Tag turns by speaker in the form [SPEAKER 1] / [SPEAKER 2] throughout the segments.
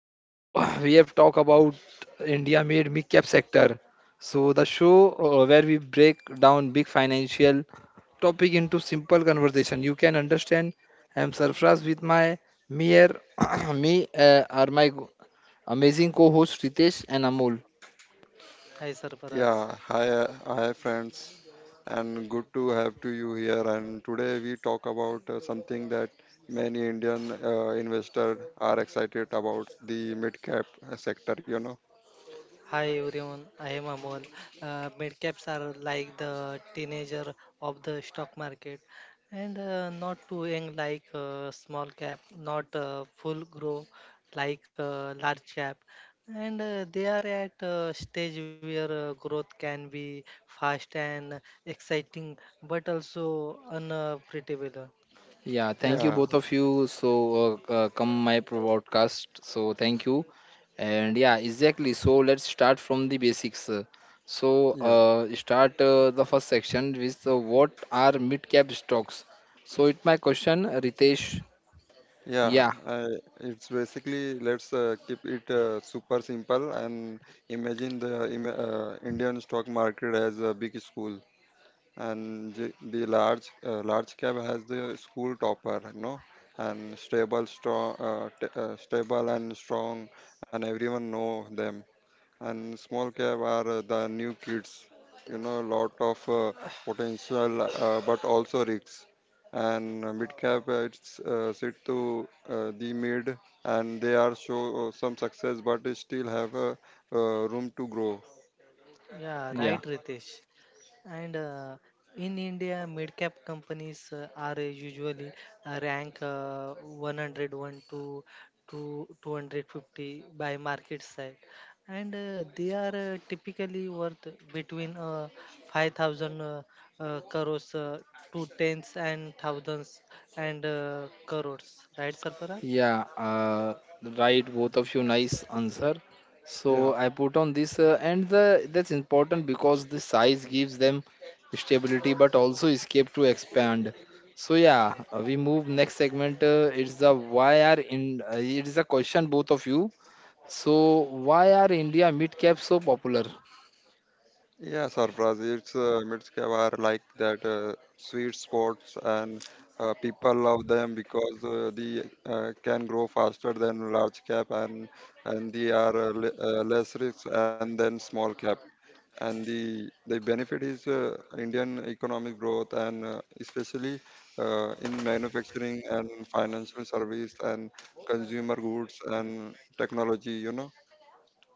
[SPEAKER 1] So we have talked about India made mid cap sector. So the show, where we break down big financial topic into simple conversation you can understand. I'm Sarfraz with my mere me are my amazing co-host Ritesh and Amol.
[SPEAKER 2] Hi Sarfaraj.
[SPEAKER 3] Hi friends, and good to have to you here. And today we talk about something that many Indian investors are excited about the mid cap sector.
[SPEAKER 2] Hi everyone, I am Amol. Midcaps are like the teenager of the stock market and not too young like small cap, not full grow like large cap. And they are at a stage where growth can be fast and exciting but also unpredictable.
[SPEAKER 1] Yeah,
[SPEAKER 2] Yeah,
[SPEAKER 1] thank you
[SPEAKER 3] Yeah,
[SPEAKER 2] Sarfaraj.
[SPEAKER 1] both of you. So come my broadcast. So thank you, and yeah, exactly. So let's start from the basics. So
[SPEAKER 3] yeah,
[SPEAKER 1] start the first section with what are mid cap stocks. So it my question, Ritesh.
[SPEAKER 3] yeah.
[SPEAKER 1] Yeah,
[SPEAKER 3] I, it's basically let's keep it super simple and imagine the Indian stock market as a big school, and the large cab has the school topper, you know, and stable strong stable and strong, and everyone know them. And small cab are the new kids, you know, lot of potential but also risks. And mid cap, it's sit to the mid, and they are show some success, but they still have room to grow.
[SPEAKER 2] Yeah, right,
[SPEAKER 1] yeah.
[SPEAKER 2] Ritesh. And in India, mid-cap companies are usually rank 101 to 250 by market size, and they are typically worth between 5,000 crores to tens and thousands and crores, right, Sarfara?
[SPEAKER 1] Yeah, right. Both of you, nice answer. So
[SPEAKER 3] Yeah.
[SPEAKER 1] I put on this, and the that's important because the size gives them stability, but also escape to expand. So yeah, we move next segment. It's the why are in. It is a question both of you. So why are India mid cap so popular?
[SPEAKER 3] Yeah, Sarfraz, it's Mitskeva are like that sweet spots, and people love them because they can grow faster than large cap, and and they are less risk and then small cap. And the benefit is Indian economic growth, and especially in manufacturing and financial service and consumer goods and technology. You know?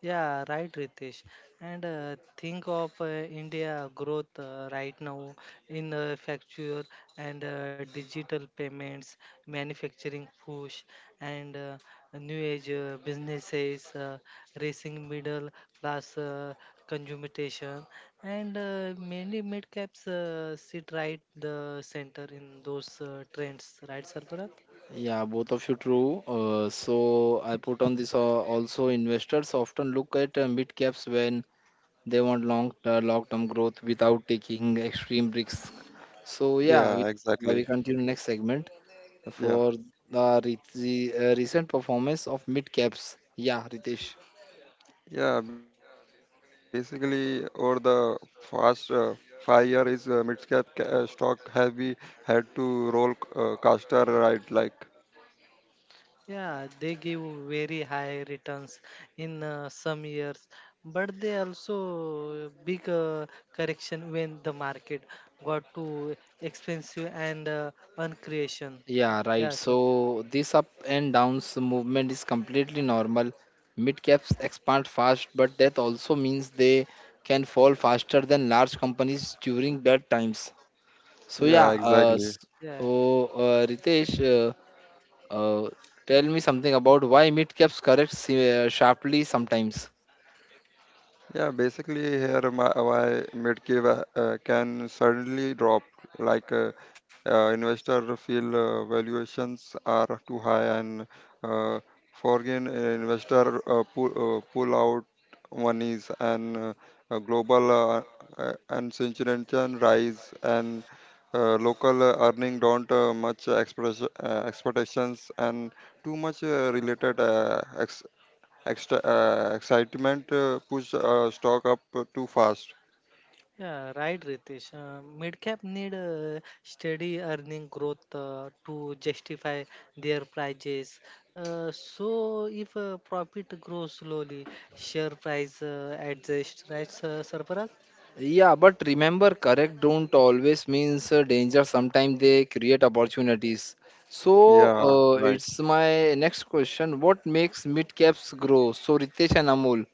[SPEAKER 2] Yeah, right, Ritesh. And think of India growth right now in facture and digital payments, manufacturing push, and new age businesses, racing middle class consumption, and many mid caps sit right the center in those trends, right, Sarfaraz?
[SPEAKER 1] Yeah, both of you true. So I put on this. Also, investors often look at mid caps when they want long-term growth without taking extreme risks. So yeah, we,
[SPEAKER 3] Yeah,
[SPEAKER 1] uh,
[SPEAKER 3] exactly.
[SPEAKER 1] we continue next segment
[SPEAKER 3] Yeah.
[SPEAKER 1] for the recent performance of mid caps. Yeah, Ritesh.
[SPEAKER 3] Yeah, basically, over the past 5 year is mid-cap stock have we had to roll caster, right? Like,
[SPEAKER 2] Yeah, they give very high returns in some years, but they also big correction when the market got too expensive and uncreation.
[SPEAKER 1] Yeah, right.
[SPEAKER 2] Yeah, sir.
[SPEAKER 1] So this up and downs movement is completely normal. Mid caps expand fast, but that also means they can fall faster than large companies during bad times. So yeah,
[SPEAKER 3] yeah,
[SPEAKER 2] Mm.
[SPEAKER 3] exactly.
[SPEAKER 2] Yeah.
[SPEAKER 1] so Ritesh, Uh, tell me something about why mid-caps correct sharply sometimes.
[SPEAKER 3] Yeah, basically, here my mid Medcave can suddenly drop, like investor feel valuations are too high, and uh, foreign investor pull out monies, and global uncertainty rise, and local earning don't much express, expectations, and too much related Extra excitement push stock up too fast.
[SPEAKER 2] Yeah, right, Ritesh. Mid-cap need steady earning growth to justify their prices. So, if profit grows slowly, share price adjusts, right, Sarfaraz?
[SPEAKER 1] Yeah, but remember, correct don't always means danger. Sometimes they create opportunities. So
[SPEAKER 3] Yeah, right.
[SPEAKER 1] it's my next question. What makes mid-caps grow? So Ritesh and Amol,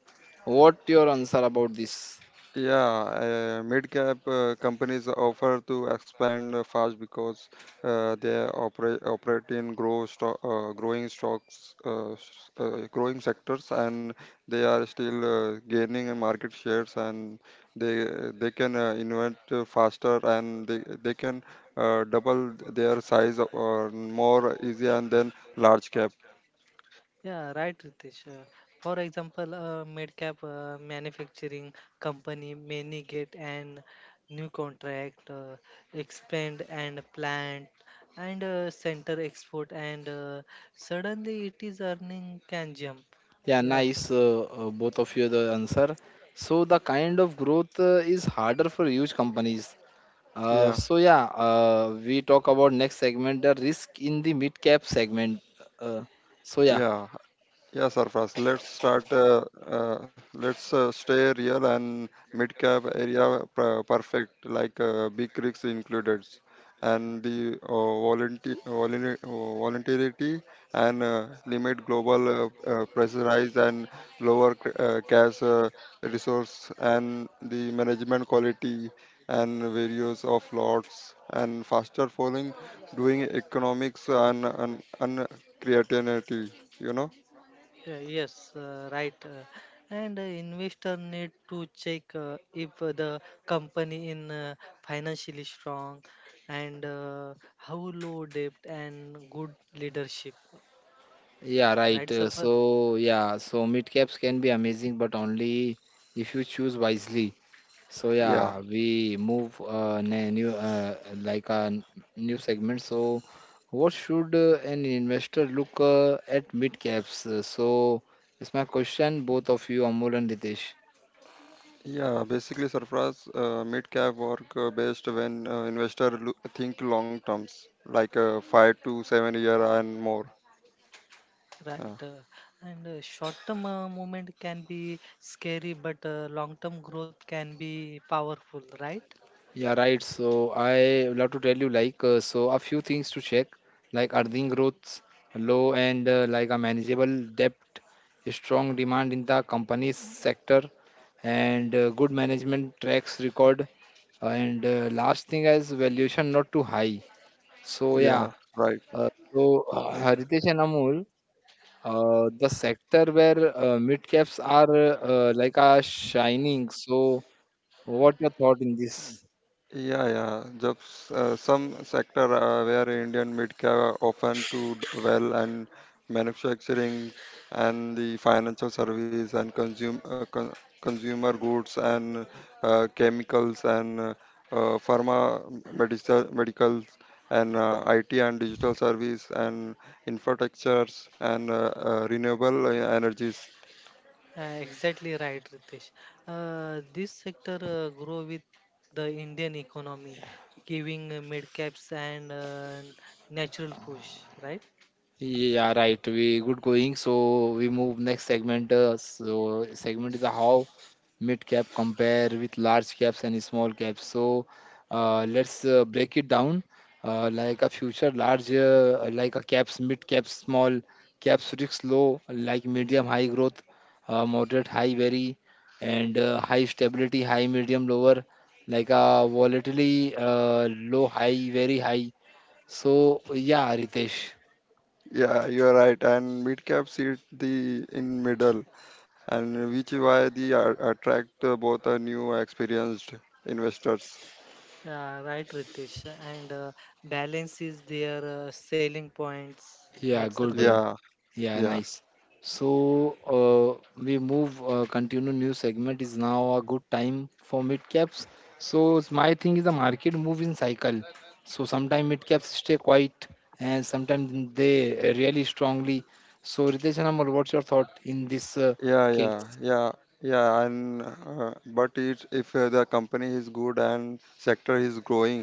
[SPEAKER 1] what your answer about this?
[SPEAKER 3] Yeah, mid-cap companies offer to expand fast because they operate in growing stocks, growing sectors, and they are still gaining in market shares, and they they can invent faster, and they can double their size or more easy, and then large cap.
[SPEAKER 2] Yeah, right, Ritesh. For example, a mid-cap manufacturing company may get an new contract, expand and plant, and center export, and suddenly it is earning can jump.
[SPEAKER 1] Yeah,
[SPEAKER 2] Yes.
[SPEAKER 1] nice. Both of you the answer. So the kind of growth is harder for huge companies. Uh,
[SPEAKER 3] Yeah.
[SPEAKER 1] so yeah, we talk about next segment, the risk in the mid cap segment. Uh, so yeah,
[SPEAKER 3] Yeah. Yeah, Sarfraz, let's start. Let's stay real, and mid cap area perfect, like big rigs included, and the voluntarity and limit global pressurize, and lower cash resource, and the management quality, and various of lots and faster following doing economics and creativity, you know.
[SPEAKER 2] Yeah, yes, right. And investor need to check if the company in financially strong and how low debt and good leadership.
[SPEAKER 1] yeah, right.
[SPEAKER 2] Right,
[SPEAKER 1] So
[SPEAKER 2] server?
[SPEAKER 1] yeah, so mid caps can be amazing, but only if you choose wisely. So
[SPEAKER 3] Yeah,
[SPEAKER 1] yeah, we move new like a new segment. So what should an investor look at mid caps? So it's my question, both of you, Amol and Ritesh.
[SPEAKER 3] yeah. Basically, Sarfaraz, mid cap work best when investor think long terms, like 5 to 7 year and more.
[SPEAKER 2] Right.
[SPEAKER 3] Uh,
[SPEAKER 2] And short-term movement can be scary, but long-term growth can be powerful, right?
[SPEAKER 1] Yeah, right. So I would love to tell you like so a few things to check like earning growth low and like a manageable debt, a strong demand in the company's sector, and good management tracks record. And last thing is valuation not too high. So yeah,
[SPEAKER 3] yeah, right.
[SPEAKER 1] Haritesh and Amol, the sector where mid caps are shining. So what your thought in this?
[SPEAKER 3] Yeah, yeah. Just some sector where Indian mid-cap often do well, and manufacturing, and the financial service, and consumer goods, and chemicals, and pharma, medicals, and IT and digital service, and infrastructures, and renewable energies.
[SPEAKER 2] Exactly right, Ritesh. This sector grow with the Indian economy, giving mid caps and natural push, right?
[SPEAKER 1] Yeah, right. We good going. So we move next segment. So segment is how mid cap compare with large caps and small caps. So let's break it down. Like a future large, like a caps, mid caps, small caps risk low, like medium high growth, moderate high vary, and high stability, high medium lower, like a volatility low high very high. So yeah, Ritesh.
[SPEAKER 3] Yeah, you are right. And mid-cap sit the in middle, and which is why they are, attract both new experienced investors.
[SPEAKER 2] Right, Ritesh. And balance is their selling points, right,
[SPEAKER 1] Yeah,
[SPEAKER 2] Sarvara?
[SPEAKER 1] good.
[SPEAKER 3] Yeah,
[SPEAKER 1] Yeah,
[SPEAKER 3] yeah,
[SPEAKER 1] nice. So we move continue new segment is now a good time for mid caps. So it's my thing is the market move in cycle. So sometimes mid caps stay quiet and sometimes they really strongly. So Ritesh and Amar, what's your thought in this
[SPEAKER 3] yeah,
[SPEAKER 1] case?
[SPEAKER 3] yeah, yeah, yeah. And but it, if the company is good and sector is growing,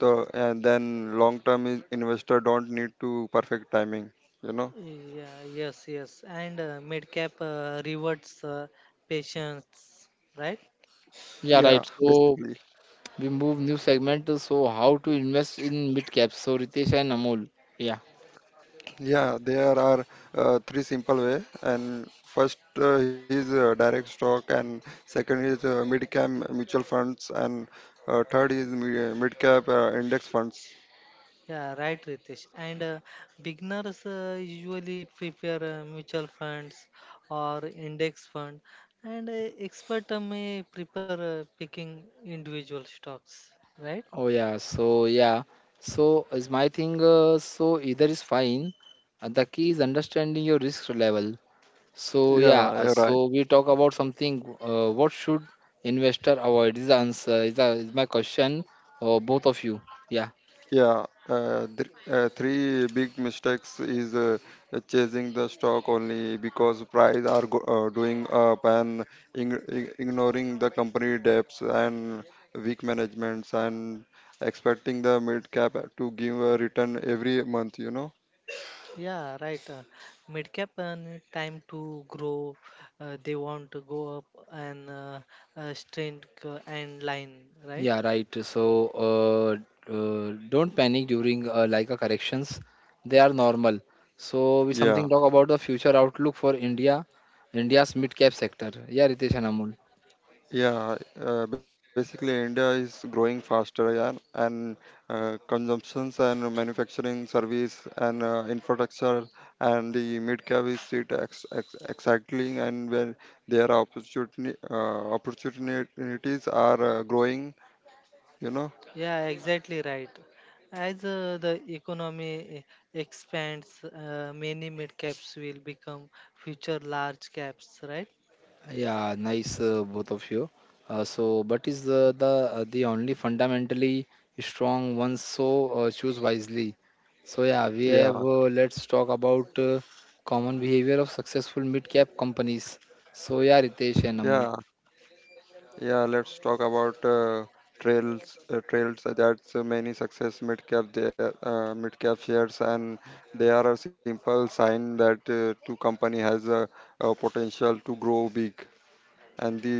[SPEAKER 3] so and then long term investor don't need to perfect timing, you know.
[SPEAKER 2] Yeah, yes, yes. And mid cap rewards patience, right?
[SPEAKER 1] Yeah, right.
[SPEAKER 3] Yeah,
[SPEAKER 1] So
[SPEAKER 3] basically,
[SPEAKER 1] we move new segment. So how to invest in mid caps? So Ritesh and Amol. Yeah.
[SPEAKER 3] yeah, there are three simple way, and first is direct stock, and second is mid cap mutual funds, and third is mid cap index funds.
[SPEAKER 2] Yeah, right, Ritesh. And beginners usually prepare mutual funds or index fund, and expert may prepare picking individual stocks. Right?
[SPEAKER 1] Oh yeah, so yeah, so is my thing. So either is fine. The key is understanding your risk level. So yeah,
[SPEAKER 3] Yeah, yeah, right.
[SPEAKER 1] so we talk about something. What should investor avoid? Is the answer is, is my question or both of you? Yeah,
[SPEAKER 3] Yeah, three big mistakes is chasing the stock only because price are doing up, and ignoring the company debts and weak managements, and expecting the mid cap to give a return every month. You know.
[SPEAKER 2] Yeah, right. Mid cap and time to grow. They want to go up and strength and line. Right?
[SPEAKER 1] yeah, right. So don't panic during like a corrections. They are normal. So we something talk
[SPEAKER 2] Uh,
[SPEAKER 3] Yeah.
[SPEAKER 1] about the future outlook for India's mid cap sector. Yeah, Ritesh and Amol.
[SPEAKER 3] Yeah, basically India is growing faster, yeah, and consumptions and manufacturing, service and infrastructure, and the mid cap is sit ex ex exactly, and when their opportunity opportunities are growing, you know.
[SPEAKER 2] yeah, exactly right. As the economy expands, many mid caps will become future large caps, right?
[SPEAKER 1] Yeah, nice both of you. So, but is the only fundamentally strong ones. So choose wisely. So yeah, we
[SPEAKER 3] Yeah,
[SPEAKER 1] have. Let's talk about common behavior of successful mid-cap companies. So yeah, Ritesh and
[SPEAKER 3] yeah.
[SPEAKER 1] Amul.
[SPEAKER 3] Yeah, let's talk about trails. Trails that's many success mid cap there, mid cap shares, and they are a simple sign that two company has a potential to grow big, and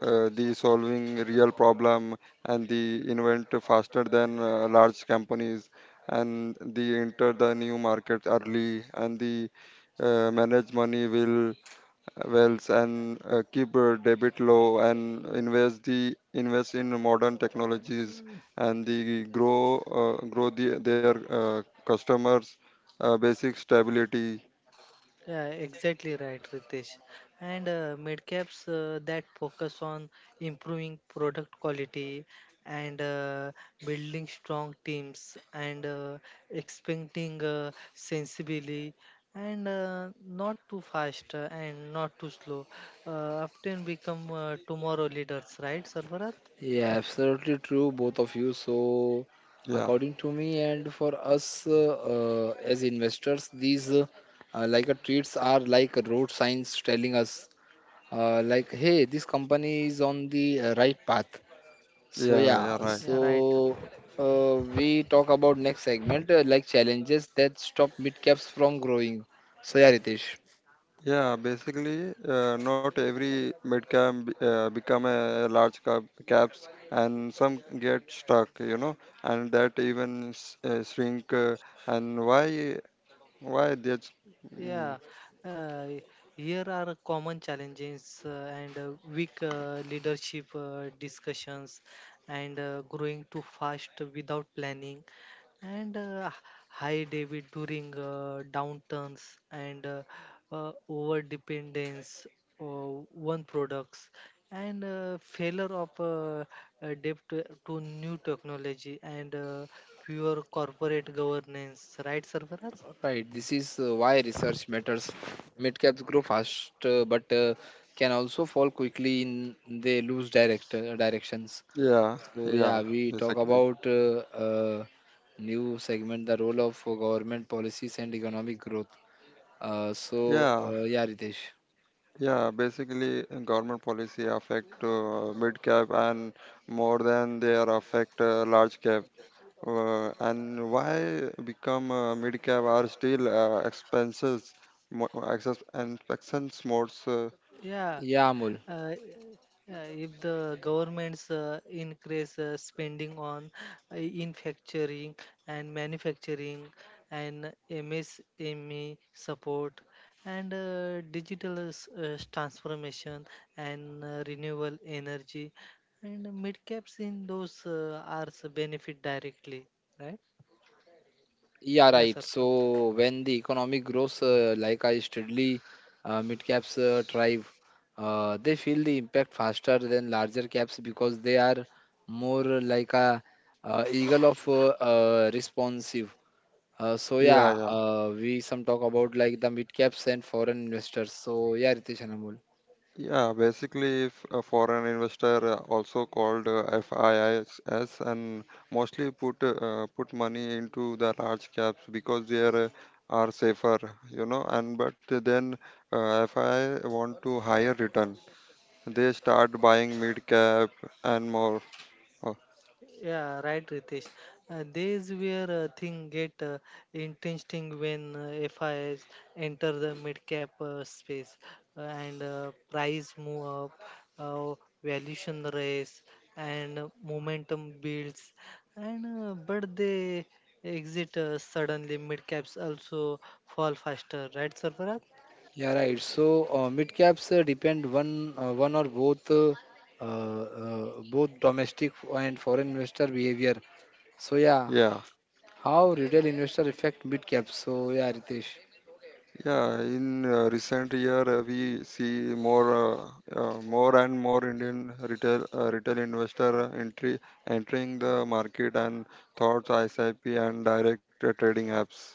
[SPEAKER 3] the solving real problem, and the invent faster than large companies, and they enter the new markets early, and the manage money will wealth, and keep debit low, and invest in modern technologies, and the grow grow the, their customers basic stability.
[SPEAKER 2] Yeah, exactly right, Ritesh. And midcaps that focus on improving product quality and building strong teams and expecting sensibly and not too fast and not too slow often become tomorrow leaders, right, Sarvarat?
[SPEAKER 1] Yeah, absolutely true, both of you. So,
[SPEAKER 3] Yeah,
[SPEAKER 1] according to me and for us as investors, these like a treats are like road signs telling us, like, hey, this company is on the right path. So
[SPEAKER 3] yeah,
[SPEAKER 1] yeah,
[SPEAKER 3] yeah,
[SPEAKER 2] Yeah,
[SPEAKER 3] right.
[SPEAKER 1] so
[SPEAKER 2] right.
[SPEAKER 1] we talk about next segment, like challenges that stop mid caps from growing. So yeah, Ritesh.
[SPEAKER 3] Yeah, basically, not every mid cap become a large cap caps, and some get stuck, you know, and that even shrink, and why that's, mm.
[SPEAKER 2] Yeah, uh, here are common challenges and weak leadership discussions and growing too fast without planning and high debit during downturns and over dependence on one products and failure of adapt to new technology and pure corporate governance, right, Sarfaraz?
[SPEAKER 1] Right, this is why research matters. Mid caps grow fast, but can also fall quickly in they lose directions.
[SPEAKER 3] Yeah,
[SPEAKER 1] So
[SPEAKER 3] yeah,
[SPEAKER 1] yeah, we talk
[SPEAKER 3] basically.
[SPEAKER 1] about new segment, the role of government policies and economic growth. uh, so
[SPEAKER 3] Yeah,
[SPEAKER 1] yeah, Ritesh.
[SPEAKER 3] yeah. Basically, government policy affect mid cap and more than they are affect large cap. And why become mid cap are still expenses, access and expense modes.
[SPEAKER 2] Yeah,
[SPEAKER 1] Yeah, Amul.
[SPEAKER 2] uh, if the governments increase spending on manufacturing and manufacturing and MSME support and uh, digital transformation and renewable energy and mid caps in those are benefit directly, right?
[SPEAKER 1] Yeah,
[SPEAKER 2] Yeah,
[SPEAKER 1] right.
[SPEAKER 2] sir.
[SPEAKER 1] So when the economic grows, like I steadily, mid caps thrive. They feel the impact faster than larger caps because they are more like a eagle of responsive. So
[SPEAKER 3] Yeah,
[SPEAKER 1] yeah,
[SPEAKER 3] yeah.
[SPEAKER 1] we some talk about like the mid caps and foreign investors. So yeah, Ritesh and Amul.
[SPEAKER 3] Yeah, basically, if a foreign investor, also called FIIs, and mostly put money into the large caps because they are safer, you know. And but then FII want to higher return. They start buying mid cap and more. Oh,
[SPEAKER 2] Yeah, right, Ritesh. This where thing get interesting when FIs enter the mid cap space and price move up, uh, valuation raise, and momentum builds. And but they exit suddenly. Mid caps also fall faster, right, Sarfaraz?
[SPEAKER 1] Yeah, right. So mid caps depend one or both domestic and foreign investor behavior. So yeah,
[SPEAKER 3] yeah.
[SPEAKER 1] how retail investor affect mid cap? So yeah, Ritesh.
[SPEAKER 3] Yeah, in recent year we see more more and more Indian retail investor entry entering the market and thoughts SIP and direct trading apps.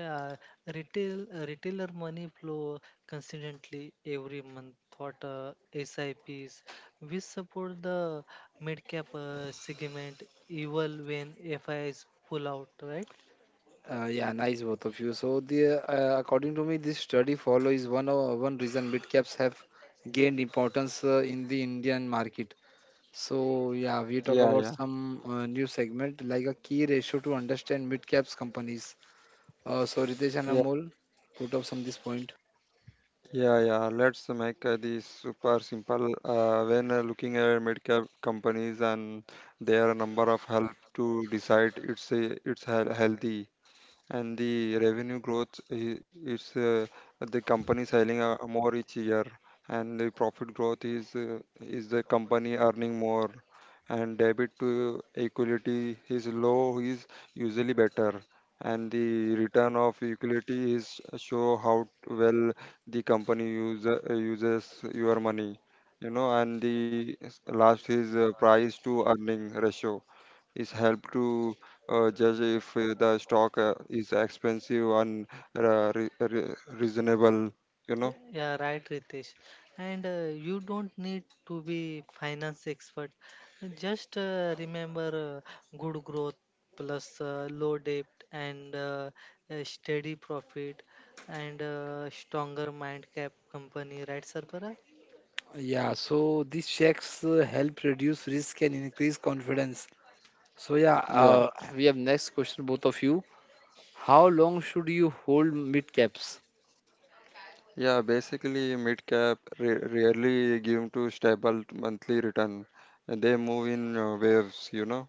[SPEAKER 2] Yeah, retailer money flow consistently every month. What SIPs? We support the mid cap segment even when FIs pull out, right?
[SPEAKER 1] Yeah, nice both of you. So the according to me, this study follow is one of one reason mid caps have gained importance in the Indian market. So yeah, we talk
[SPEAKER 3] Yeah,
[SPEAKER 1] about
[SPEAKER 3] yeah,
[SPEAKER 1] some new segment like a key ratio to understand mid caps companies. So Ritesh and
[SPEAKER 3] yeah,
[SPEAKER 1] Amol, put up some this point.
[SPEAKER 3] yeah, yeah. Let's make this super simple. When looking at mid-cap companies, and their number of help to decide it's healthy. And the revenue growth is the company selling more each year, and the profit growth is the company earning more, and debit to equity is low is usually better, and the return of equity is show how well the company uses your money, you know, and the last is price to earning ratio is help to judge if the stock is expensive and uh, re- re- reasonable, you know.
[SPEAKER 2] Yeah, right, Ritesh. And you don't need to be finance expert. Just remember good growth plus low debt and a steady profit and stronger mind cap company, right, Sarfara?
[SPEAKER 1] Yeah, so these checks help reduce risk and increase confidence. So yeah,
[SPEAKER 3] Yeah,
[SPEAKER 1] uh, we have next question both of you. How long should you hold mid caps?
[SPEAKER 3] yeah, basically mid cap rarely give to stable monthly return, and they move in waves, you know.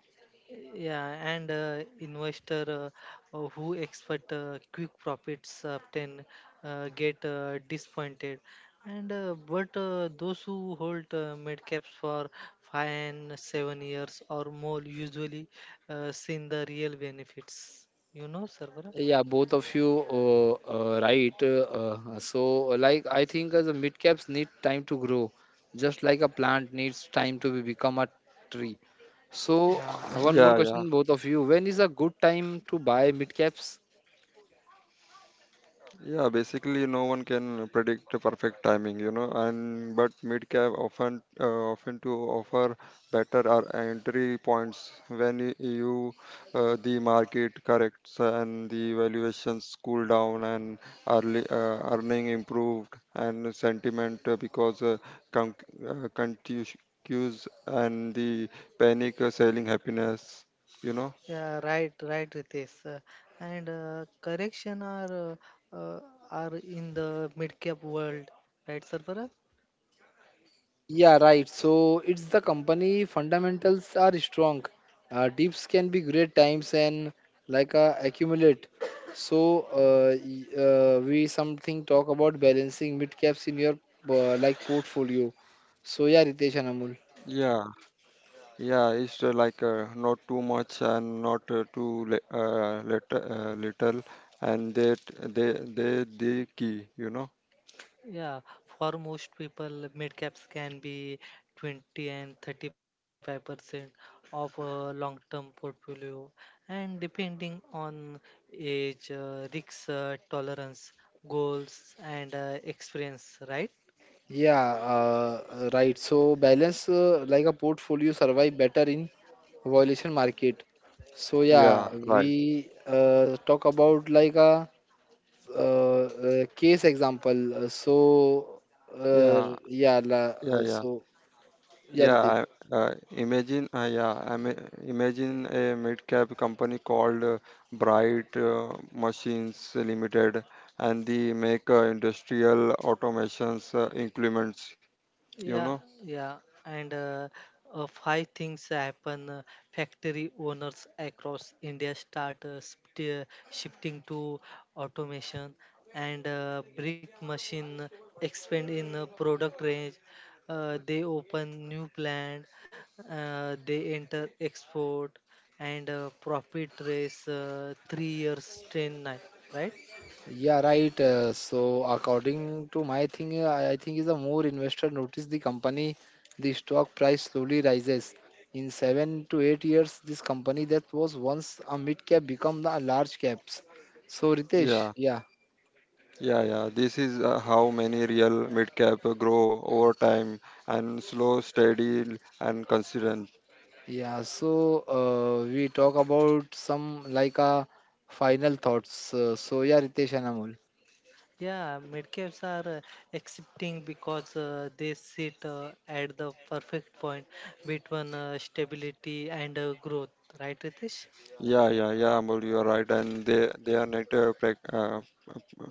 [SPEAKER 2] Yeah, and investor who expect quick profits often get disappointed. And but those who hold mid caps for 5 and 7 years or more usually seen the real benefits. You know, Sarvara?
[SPEAKER 1] Yeah, both of you right. So, like, I think the mid caps need time to grow, just like a plant needs time to become a tree. So,
[SPEAKER 2] Yeah, right.
[SPEAKER 3] Yeah,
[SPEAKER 1] one more
[SPEAKER 3] yeah.
[SPEAKER 1] question, both of you. When is a good time to buy mid caps?
[SPEAKER 3] Yeah, basically, no one can predict the perfect timing, you know, and but mid cap often to offer better or entry points when you, the market corrects, and the valuations cool down, and early earning improved, and sentiment con- uh, contus- cues, and the panic selling happiness, you know.
[SPEAKER 2] Yeah, right, right, Ritesh. And correction uh, uh, are in the mid cap world, right, sir?
[SPEAKER 1] Yeah, right. So it's the company fundamentals are strong. Dips can be great times and like accumulate. So we something talk about balancing mid caps in your like portfolio. So yeah, Ritesh and Amul.
[SPEAKER 3] Yeah. Yeah, it's like not too much and not too little, little, and that they the key, you know.
[SPEAKER 2] Yeah, for most people, mid caps can be 20 and 35% of a long-term portfolio, and depending on age, risk tolerance, goals, and experience, right?
[SPEAKER 1] Yeah, right. So balance like a portfolio survive better in violation market. So yeah,
[SPEAKER 3] Yeah, right.
[SPEAKER 1] we talk about like a uh, case example. So,
[SPEAKER 3] Yeah,
[SPEAKER 1] yeah,
[SPEAKER 3] yeah, yeah,
[SPEAKER 1] so yeah,
[SPEAKER 3] yeah.
[SPEAKER 1] Ritesh.
[SPEAKER 3] Yeah, I mean, imagine a mid-cap company called Bright Machines Limited, and they make industrial automations implements, you know.
[SPEAKER 2] Yeah, yeah, and five things happen. Factory owners across India start shifting to automation, and brick machine expand in product range. They open new plant. They enter export and profit raise 3 years ten nine, right?
[SPEAKER 1] Yeah, right. So, according to my thing, I think is a more investor notice the company, the stock price slowly rises. In 7 to 8 years, this company that was once a mid cap become the large caps. So, Ritesh,
[SPEAKER 3] Yeah.
[SPEAKER 1] yeah,
[SPEAKER 3] Yeah, yeah. This is how many real mid cap grow over time, and slow, steady, and consistent.
[SPEAKER 1] yeah. So, we talk about some like a final thoughts. So, yeah, Ritesh and Amol.
[SPEAKER 2] Yeah, midcaps are accepting because they sit at the perfect point between stability and growth, right, Ritesh?
[SPEAKER 3] Yeah, yeah, yeah. Amol, you are right. And they are need to prac uh,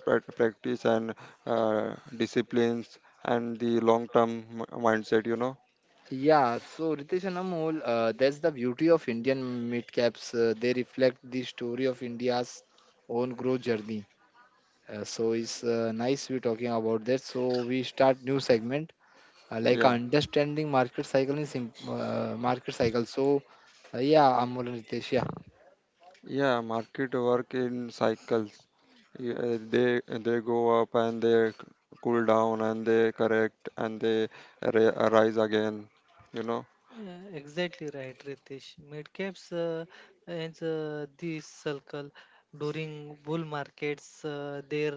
[SPEAKER 3] prac- practice and disciplines and the long term mindset. You know.
[SPEAKER 1] Yeah, so Ritesh and Amol, that's the beauty of Indian mid-caps. They reflect the story of India's own growth journey. So it's nice we're talking about that. So we start new segment like
[SPEAKER 3] Yeah,
[SPEAKER 1] understanding market cycle in sim market cycle. So yeah, Amol and Ritesh, yeah,
[SPEAKER 3] yeah. Market work in cycles. Yeah, they go up, and they cool down, and they correct, and they rise again. You know.
[SPEAKER 2] Yeah, exactly right, Ritesh. Midcaps and this circle during bull markets, they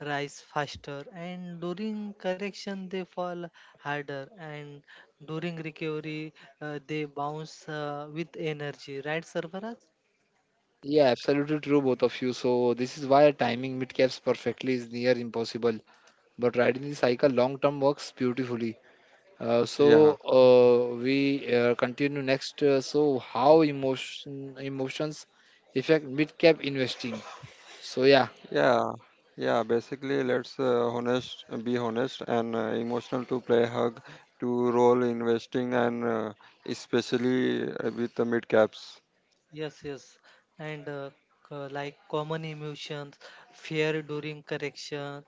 [SPEAKER 2] rise faster, and during correction, they fall harder, and during recovery, they bounce with energy, right, Sarvaraj?
[SPEAKER 1] yeah, absolutely true, both of you. So this is why timing mid-caps perfectly is near impossible, but riding the cycle long term works beautifully. So
[SPEAKER 3] Yeah.
[SPEAKER 1] we continue next. So how emotions affect mid cap investing? So yeah,
[SPEAKER 3] Yeah, yeah. Basically, be honest, and emotional to play hug to roll investing, and especially with the mid caps.
[SPEAKER 2] Yes, yes, and like common emotions, fear during correction,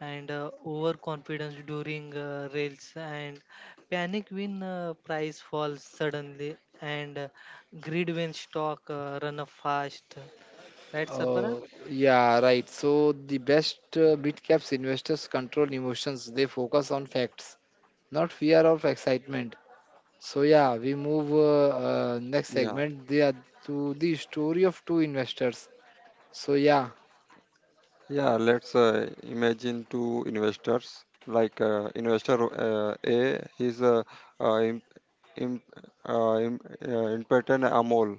[SPEAKER 2] and overconfidence during rails, and panic when price falls suddenly, and greed when stock run up fast. Right, Sarfaraz?
[SPEAKER 1] uh, yeah, right. So the best mid caps investors control emotions. They focus on facts, not fear or excitement. So yeah, we move next
[SPEAKER 3] Yeah,
[SPEAKER 1] segment. They are to the story of two investors. So yeah,
[SPEAKER 3] yeah. Let's imagine two investors. Like investor A, he's a uh, imp, imp, uh, imp, impotent Amol.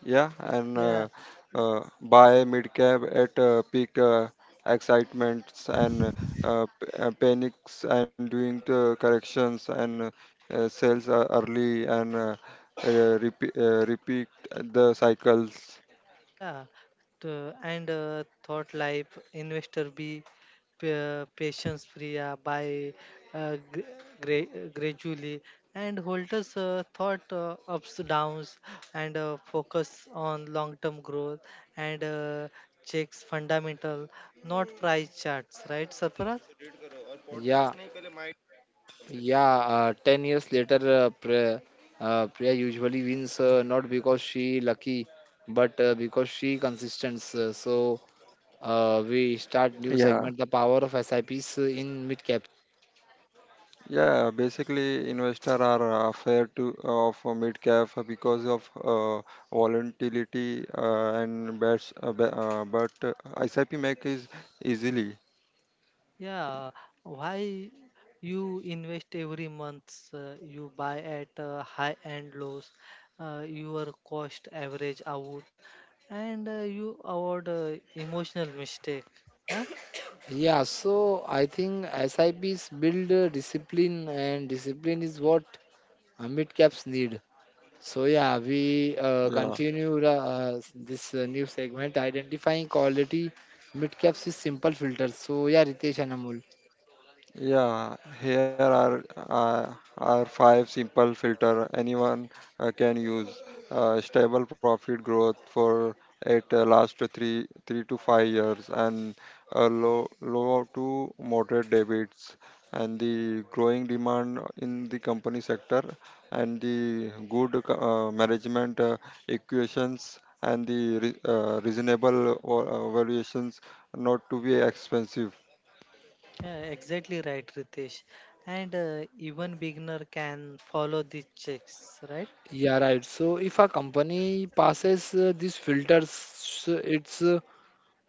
[SPEAKER 3] Yeah, and
[SPEAKER 2] Yeah.
[SPEAKER 3] buy mid cap at peak excitements, and panics and doing the corrections, and sales early, and repeat the cycles.
[SPEAKER 2] Yeah, to, and Thought Life Investor B, Patience Priya by uh, gra- gradually and holders thought ups downs and focus on long term growth and checks fundamental not price charts, right, Sarfaraz?
[SPEAKER 1] yeah. Yeah, 10 years later, Priya usually wins, not because she lucky, but because she consistent. So we start new
[SPEAKER 3] Yeah,
[SPEAKER 1] segment, the power of SIPs in mid cap.
[SPEAKER 3] yeah. Basically, investor are afraid to of a mid cap because of volatility and bets, but SIP make is easily.
[SPEAKER 2] Yeah, why you invest every month, you buy at high and lows, your cost average out, and you avoid emotional mistake. Huh?
[SPEAKER 1] Yeah, so I think SIPs build discipline, and discipline is what mid caps need. So yeah, we
[SPEAKER 3] Yeah.
[SPEAKER 1] continue this new segment, identifying quality mid caps with simple filters. So yeah, Ritesh and Amol.
[SPEAKER 3] Yeah, here are five simple filter anyone can use. Stable profit growth for at last three to five years, and uh, low to moderate debits, and the growing demand in the company sector, and the good management equations, and the re- reasonable valuations, not to be expensive.
[SPEAKER 2] Yeah, exactly right, Ritesh. And even beginner can follow these checks, right?
[SPEAKER 1] Yeah, right. So if a company passes these filters, so it's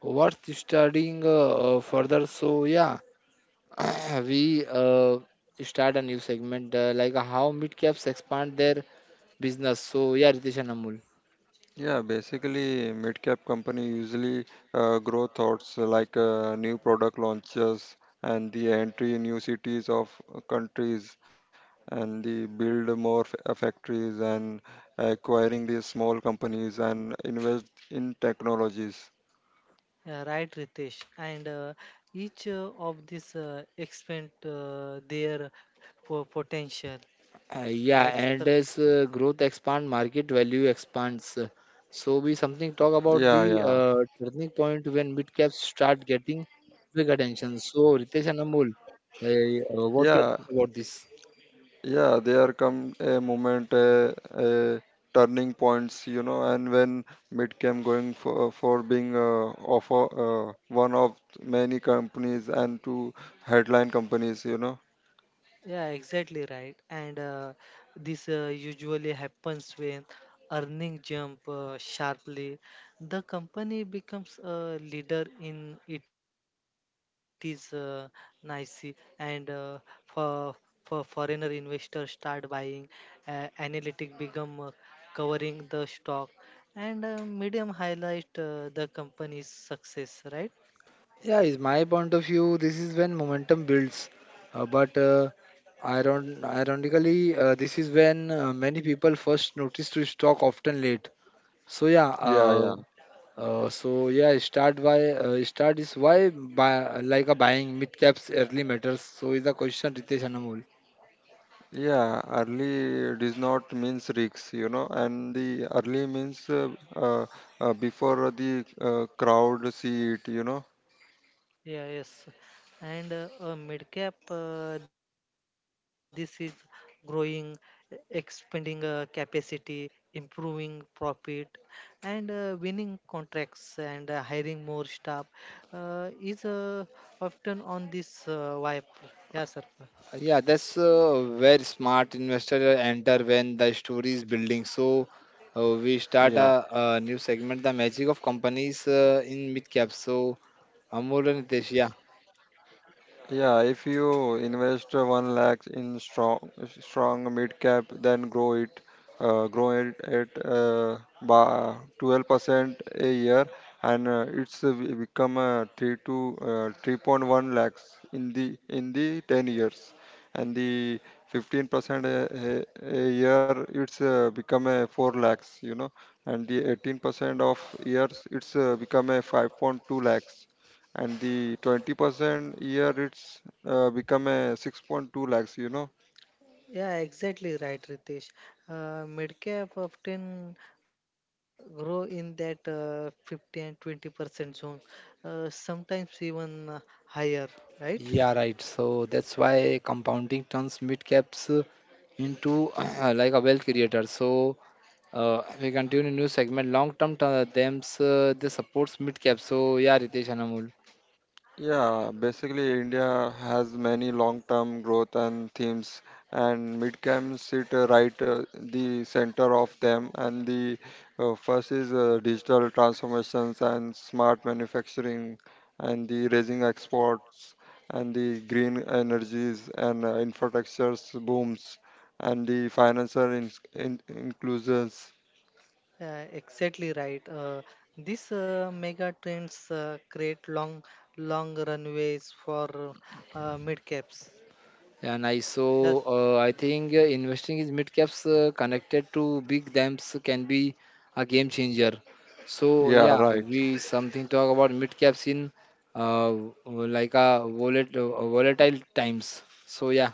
[SPEAKER 1] worth studying further. So yeah, we start a new segment like how mid-caps expand their business. So yeah, Ritesh and Amul.
[SPEAKER 3] Yeah, basically, mid-cap company usually grow thoughts like new product launches, and the entry in new cities of countries, and the build more factories, and acquiring these small companies, and invest in technologies.
[SPEAKER 2] Yeah, right, Ritesh. And each of these expand their po- potential,
[SPEAKER 1] Yeah,
[SPEAKER 2] right, sir?
[SPEAKER 1] and as growth expand, market value expands. So we something talk
[SPEAKER 3] Yeah,
[SPEAKER 1] about the
[SPEAKER 3] yeah,
[SPEAKER 1] turning point when mid-caps start getting big attention. So Ritesh and Amul, what your
[SPEAKER 3] yeah.
[SPEAKER 1] thought about this?
[SPEAKER 3] Yeah, there come a moment, a uh, turning points, you know, and when Midcam going for being offer one of many companies and two headline companies, you know.
[SPEAKER 2] Yeah, exactly right. And this usually happens when earning jump sharply. The company becomes a leader in it is nice and for foreigner investors start buying. Analytic become covering the stock and medium highlight the company's success, right?
[SPEAKER 1] Yeah, is my point of view. This is when momentum builds, but ironically, this is when many people first notice to stock often late. So yeah,
[SPEAKER 3] Yeah, yeah,
[SPEAKER 1] uh, so yeah, start is why buy, like a buying mid caps early matters. So is the question Ritesh Anamol.
[SPEAKER 3] yeah. Early does not means risks, you know, and the early means uh, before the crowd see it, you know.
[SPEAKER 2] Yeah, yes. And mid-cap, this is growing, expanding capacity, improving profit, and winning contracts and hiring more staff is often on this vibe. Yeah, sir.
[SPEAKER 1] Yeah, that's where smart investor enter when the story is building. So we start
[SPEAKER 3] Yeah.
[SPEAKER 1] a new segment, the magic of companies in mid cap. So Amol and Nitesh, yeah.
[SPEAKER 3] Yeah, if you invest one lakh in strong mid cap, then grow it at by 12% a year, and become three to 3.1 lakhs in the 10 years, and the 15% a year it's become a 4 lakhs, you know, and the 18% of years it's become a 5.2 lakhs, and the 20% year it's become a 6.2 lakhs, you know.
[SPEAKER 2] Yeah, exactly right, Ritesh. Medcap often grow in that 50 and 20% zone, sometimes even higher, right?
[SPEAKER 1] Yeah, right. So that's why compounding turns mid caps into like a wealth creator. So we continue new segment. Long term thems they supports mid caps. So yeah, Ritesh and Amol.
[SPEAKER 3] Yeah, basically india has many long term growth and themes, and mid cap sit right the center of them, and the first is digital transformations and smart manufacturing, and the raising exports, and the green energies, and infrastructures booms, and the financial inclusions.
[SPEAKER 2] Exactly right. These mega trends create long, long runways for mid caps.
[SPEAKER 1] Yeah, nice. So
[SPEAKER 2] Yes,
[SPEAKER 1] I think investing in mid caps connected to big thems can be a game changer. So
[SPEAKER 3] Yeah,
[SPEAKER 1] yeah,
[SPEAKER 3] right.
[SPEAKER 1] we something talk about mid caps in uh, like a volatile times. So yeah.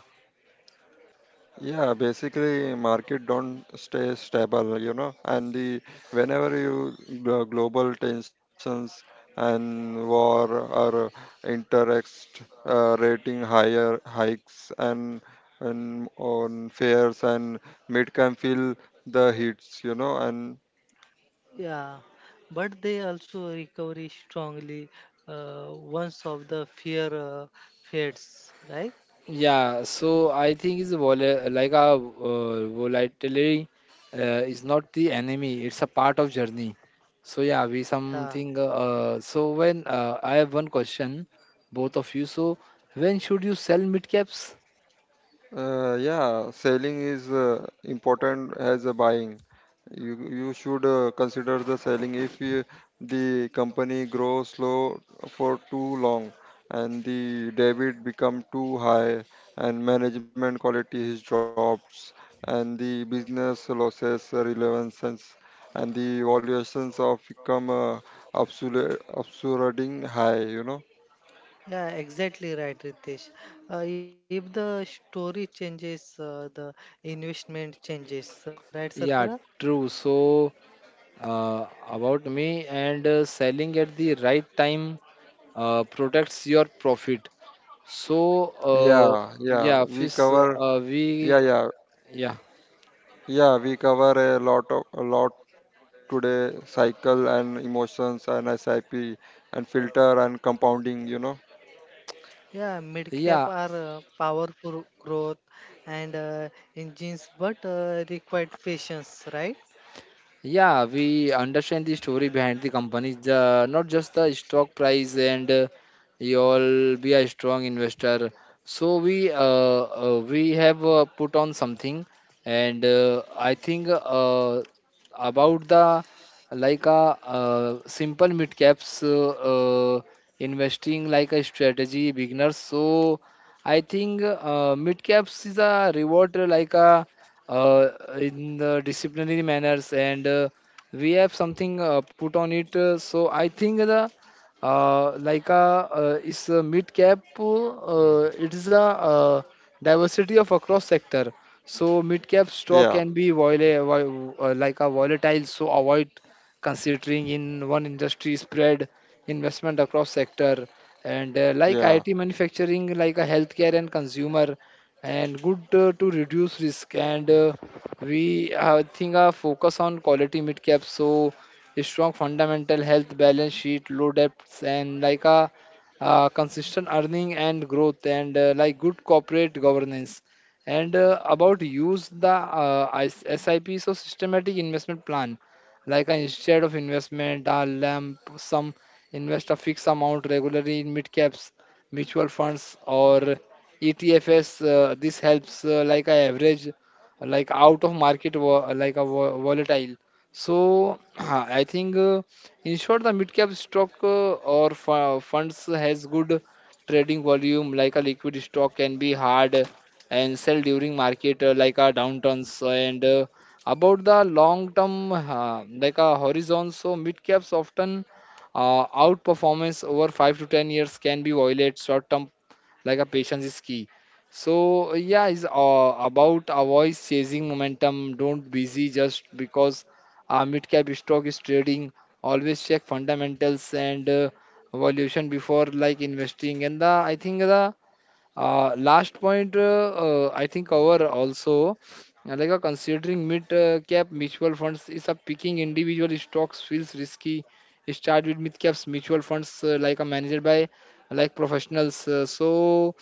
[SPEAKER 3] Yeah, basically, market don't stay stable, you know, and the whenever you the global tensions and war or interest rating higher hikes, and on fares, and mid can feel the hits, you know. And
[SPEAKER 2] yeah, but they also recover strongly once of the fear fades, right?
[SPEAKER 1] Yeah, so I think it's vola like a volatility uh, is not the enemy; it's a part of journey. So yeah, we
[SPEAKER 2] Yeah.
[SPEAKER 1] something. So when I have one question, both of you. So when should you sell mid caps?
[SPEAKER 3] Yeah, selling is important as a buying. You should consider the selling if you, the company grows slow for too long, and the debit become too high, and management quality is drops, and the business losses relevances, and the valuations of become absurding high. You know.
[SPEAKER 2] Yeah, exactly right, Ritesh. If the story changes, the investment changes, right, sir?
[SPEAKER 1] Yeah, true. So about me and selling at the right time protects your profit. So
[SPEAKER 3] Yeah, yeah.
[SPEAKER 1] yeah,
[SPEAKER 3] We
[SPEAKER 1] fish.
[SPEAKER 3] cover. Yeah,
[SPEAKER 1] We
[SPEAKER 3] yeah.
[SPEAKER 1] yeah.
[SPEAKER 3] Yeah, we cover a lot today, cycle and emotions and SIP and filter and compounding, you know.
[SPEAKER 2] Yeah, mid-cap
[SPEAKER 1] Yeah,
[SPEAKER 2] are powerful growth and engines, but required patience, right?
[SPEAKER 1] yeah, we understand the story behind the companies, not just the stock price and you'll be a strong investor. So we have put on something, and I think about the like a simple mid caps uh, investing like a strategy beginner. So I think mid caps is a reward like a uh, in the disciplinary manners and we have something put on it so I think the like a is a mid cap it is a diversity of across sector, so mid cap
[SPEAKER 3] Yeah,
[SPEAKER 1] stock can be like a volatile, so avoid considering in one industry, spread investment across sector and like it
[SPEAKER 3] yeah,
[SPEAKER 1] manufacturing like a healthcare and consumer and good to reduce risk. And we, I think, our focus on quality mid cap. So a strong fundamental health balance sheet, low debts, and like a consistent earning and growth, and like good corporate governance. And about use the SIP, so systematic investment plan, like instead of investment lamp some, invest a fixed amount regularly in mid caps mutual funds or ETFs. This helps like a average like out of market volatile. So I think in short the mid cap stock or funds has good trading volume like a liquid stock, can be hard and sell during market like a downturns, and about the long term like a horizon, so mid caps often outperformance over 5 to 10 years, can be violate short term, like a patience is key. So yeah, it's about avoid chasing momentum, don't busy just because mid cap stock is trading. Always check fundamentals and valuation before like investing. And the I think the last point, I think our also like considering mid cap mutual funds is a picking individual stocks feels risky. Start with mid caps mutual funds like a managed by like professionals. So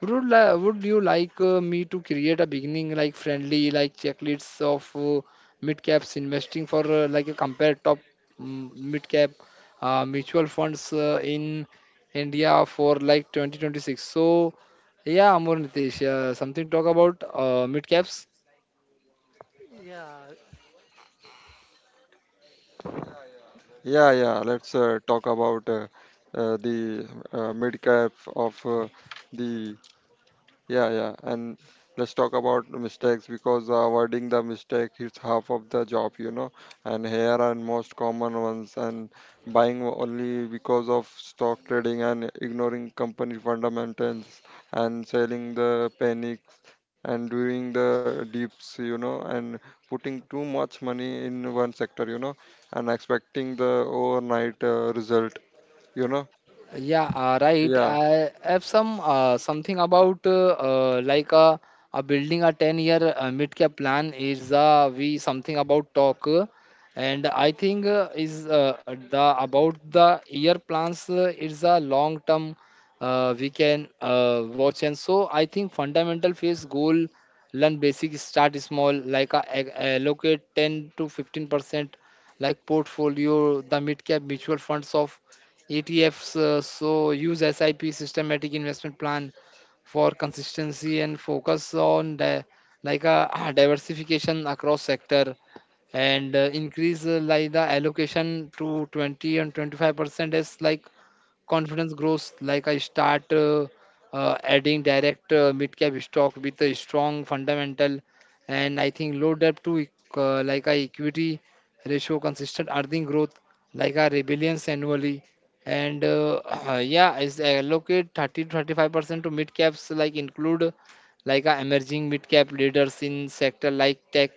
[SPEAKER 1] would you like me to create a beginning like friendly like checklists of mid caps investing for like a compare top mid cap mutual funds in India for like 2026. So yeah, Amor Nitesh, something talk about mid caps.
[SPEAKER 2] Yeah.
[SPEAKER 3] yeah, yeah. Let's talk about the mid cap of the. Yeah, yeah. And let's talk about mistakes because avoiding the mistake is half of the job, you know. And here are most common ones, and buying only because of stock trading, and ignoring company fundamentals, and selling the panics and doing the dips, you know, and putting too much money in one sector, you know, and expecting the overnight result, you know.
[SPEAKER 1] Yeah, right.
[SPEAKER 3] Yeah.
[SPEAKER 1] I have some something about like a building a 10 year mid cap plan is we something about talk, and I think is the about the year plans is a long term we can watch. And so I think fundamental phase goal, learn basic, start small like allocate 10 to 15% like portfolio the mid cap mutual funds of ETFs, so use SIP systematic investment plan for consistency, and focus on the like a diversification across sector. And increase like the allocation to 20 and 25% is like confidence grows, like I start adding direct mid cap stock with a strong fundamental, and I think low debt to like a equity ratio, consistent earning growth, like a rebellions annually. And yeah, is allocate 30 to 35% to mid caps, like include like a emerging mid cap leaders in sector like tech,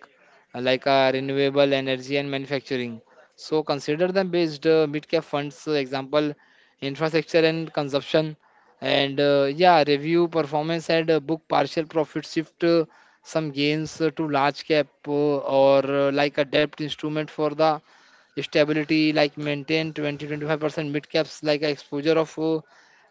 [SPEAKER 1] like a renewable energy and manufacturing. So consider them based mid cap funds. Example infrastructure and consumption, and yeah review performance, and book partial profit, shift some gains to large cap or like a debt instrument for the stability, like maintain twenty twenty five percent mid caps like a exposure of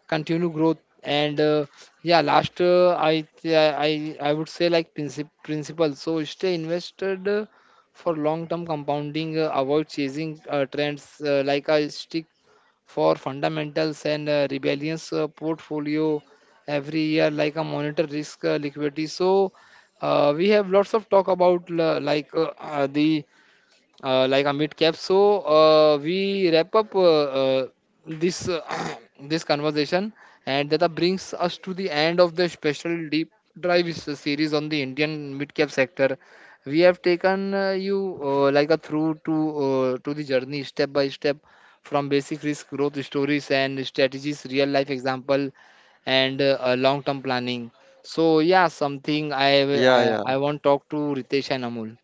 [SPEAKER 1] continued growth. And yeah last, I, th- I would say like principle, so stay invested for long term compounding, avoid chasing trends, like I stick for fundamentals, and rebellions portfolio every year, like a monitor risk liquidity. So we have lots of talk about like the like a mid cap. So we wrap up this this conversation, and that brings us to the end of the special deep drive series on the Indian mid cap sector. We have taken you like a through to the journey step by step from basic risk growth stories and strategies, real life example, and long term planning. So yeah, something
[SPEAKER 3] Yeah,
[SPEAKER 1] I,
[SPEAKER 3] yeah.
[SPEAKER 1] I I want to talk to Ritesh and Amul.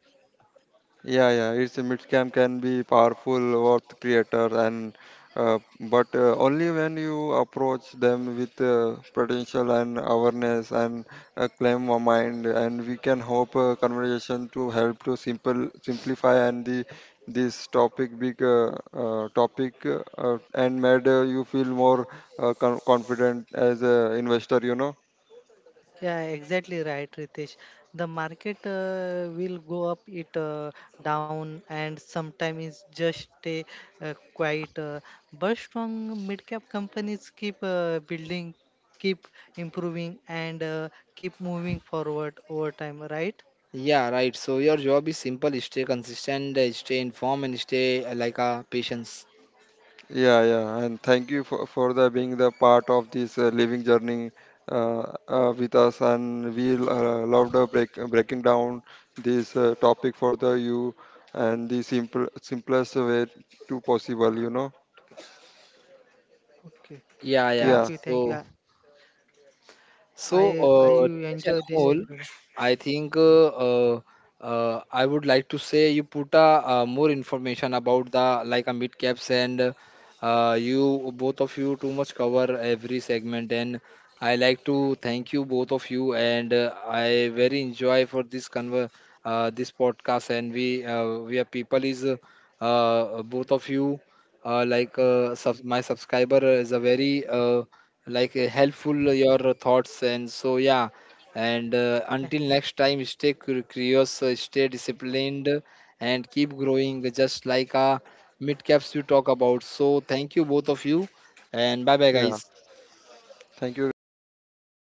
[SPEAKER 3] Yeah, yeah, it's a mid-cam can be powerful worth creator, and but only when you approach them with potential and awareness, and claim of mind, and we can hope conversation to help to simple simplify, and the this topic big topic and made you feel more confident as a investor, you know.
[SPEAKER 2] Yeah, exactly right, Ritesh. The market will go up, it down, and sometimes it's just stay quiet. But strong mid-cap companies keep building, keep improving, and keep moving forward over time, right?
[SPEAKER 1] Yeah, right. So your job is simple, stay consistent, stay informed, and stay like a patience.
[SPEAKER 3] Yeah, yeah, and thank you for the being the part of this living journey with us, and we breaking down this topic for the you, and the simplest way to possible, you know.
[SPEAKER 2] Okay.
[SPEAKER 1] Yeah, yeah.
[SPEAKER 2] Thank
[SPEAKER 3] Yeah,
[SPEAKER 2] you, thank you.
[SPEAKER 1] So. So,
[SPEAKER 2] I
[SPEAKER 1] Ritesh and
[SPEAKER 2] enjoy this
[SPEAKER 1] Amol,
[SPEAKER 2] episode.
[SPEAKER 1] I think I would like to say you put more information about the like a mid caps, and you both of you too much cover every segment, and I like to thank you both of you, and I very enjoy for this conver this podcast, and we are people is both of you like sub my subscriber is a very like helpful your thoughts, and so yeah. And
[SPEAKER 2] Tha-
[SPEAKER 1] until next time, stay curious, stay disciplined, and keep growing just like mid caps we talk about. So thank you both of you, and bye bye,
[SPEAKER 3] yeah.
[SPEAKER 1] guys.
[SPEAKER 3] Thank you,
[SPEAKER 2] Thank
[SPEAKER 3] guys.
[SPEAKER 2] you, sir, for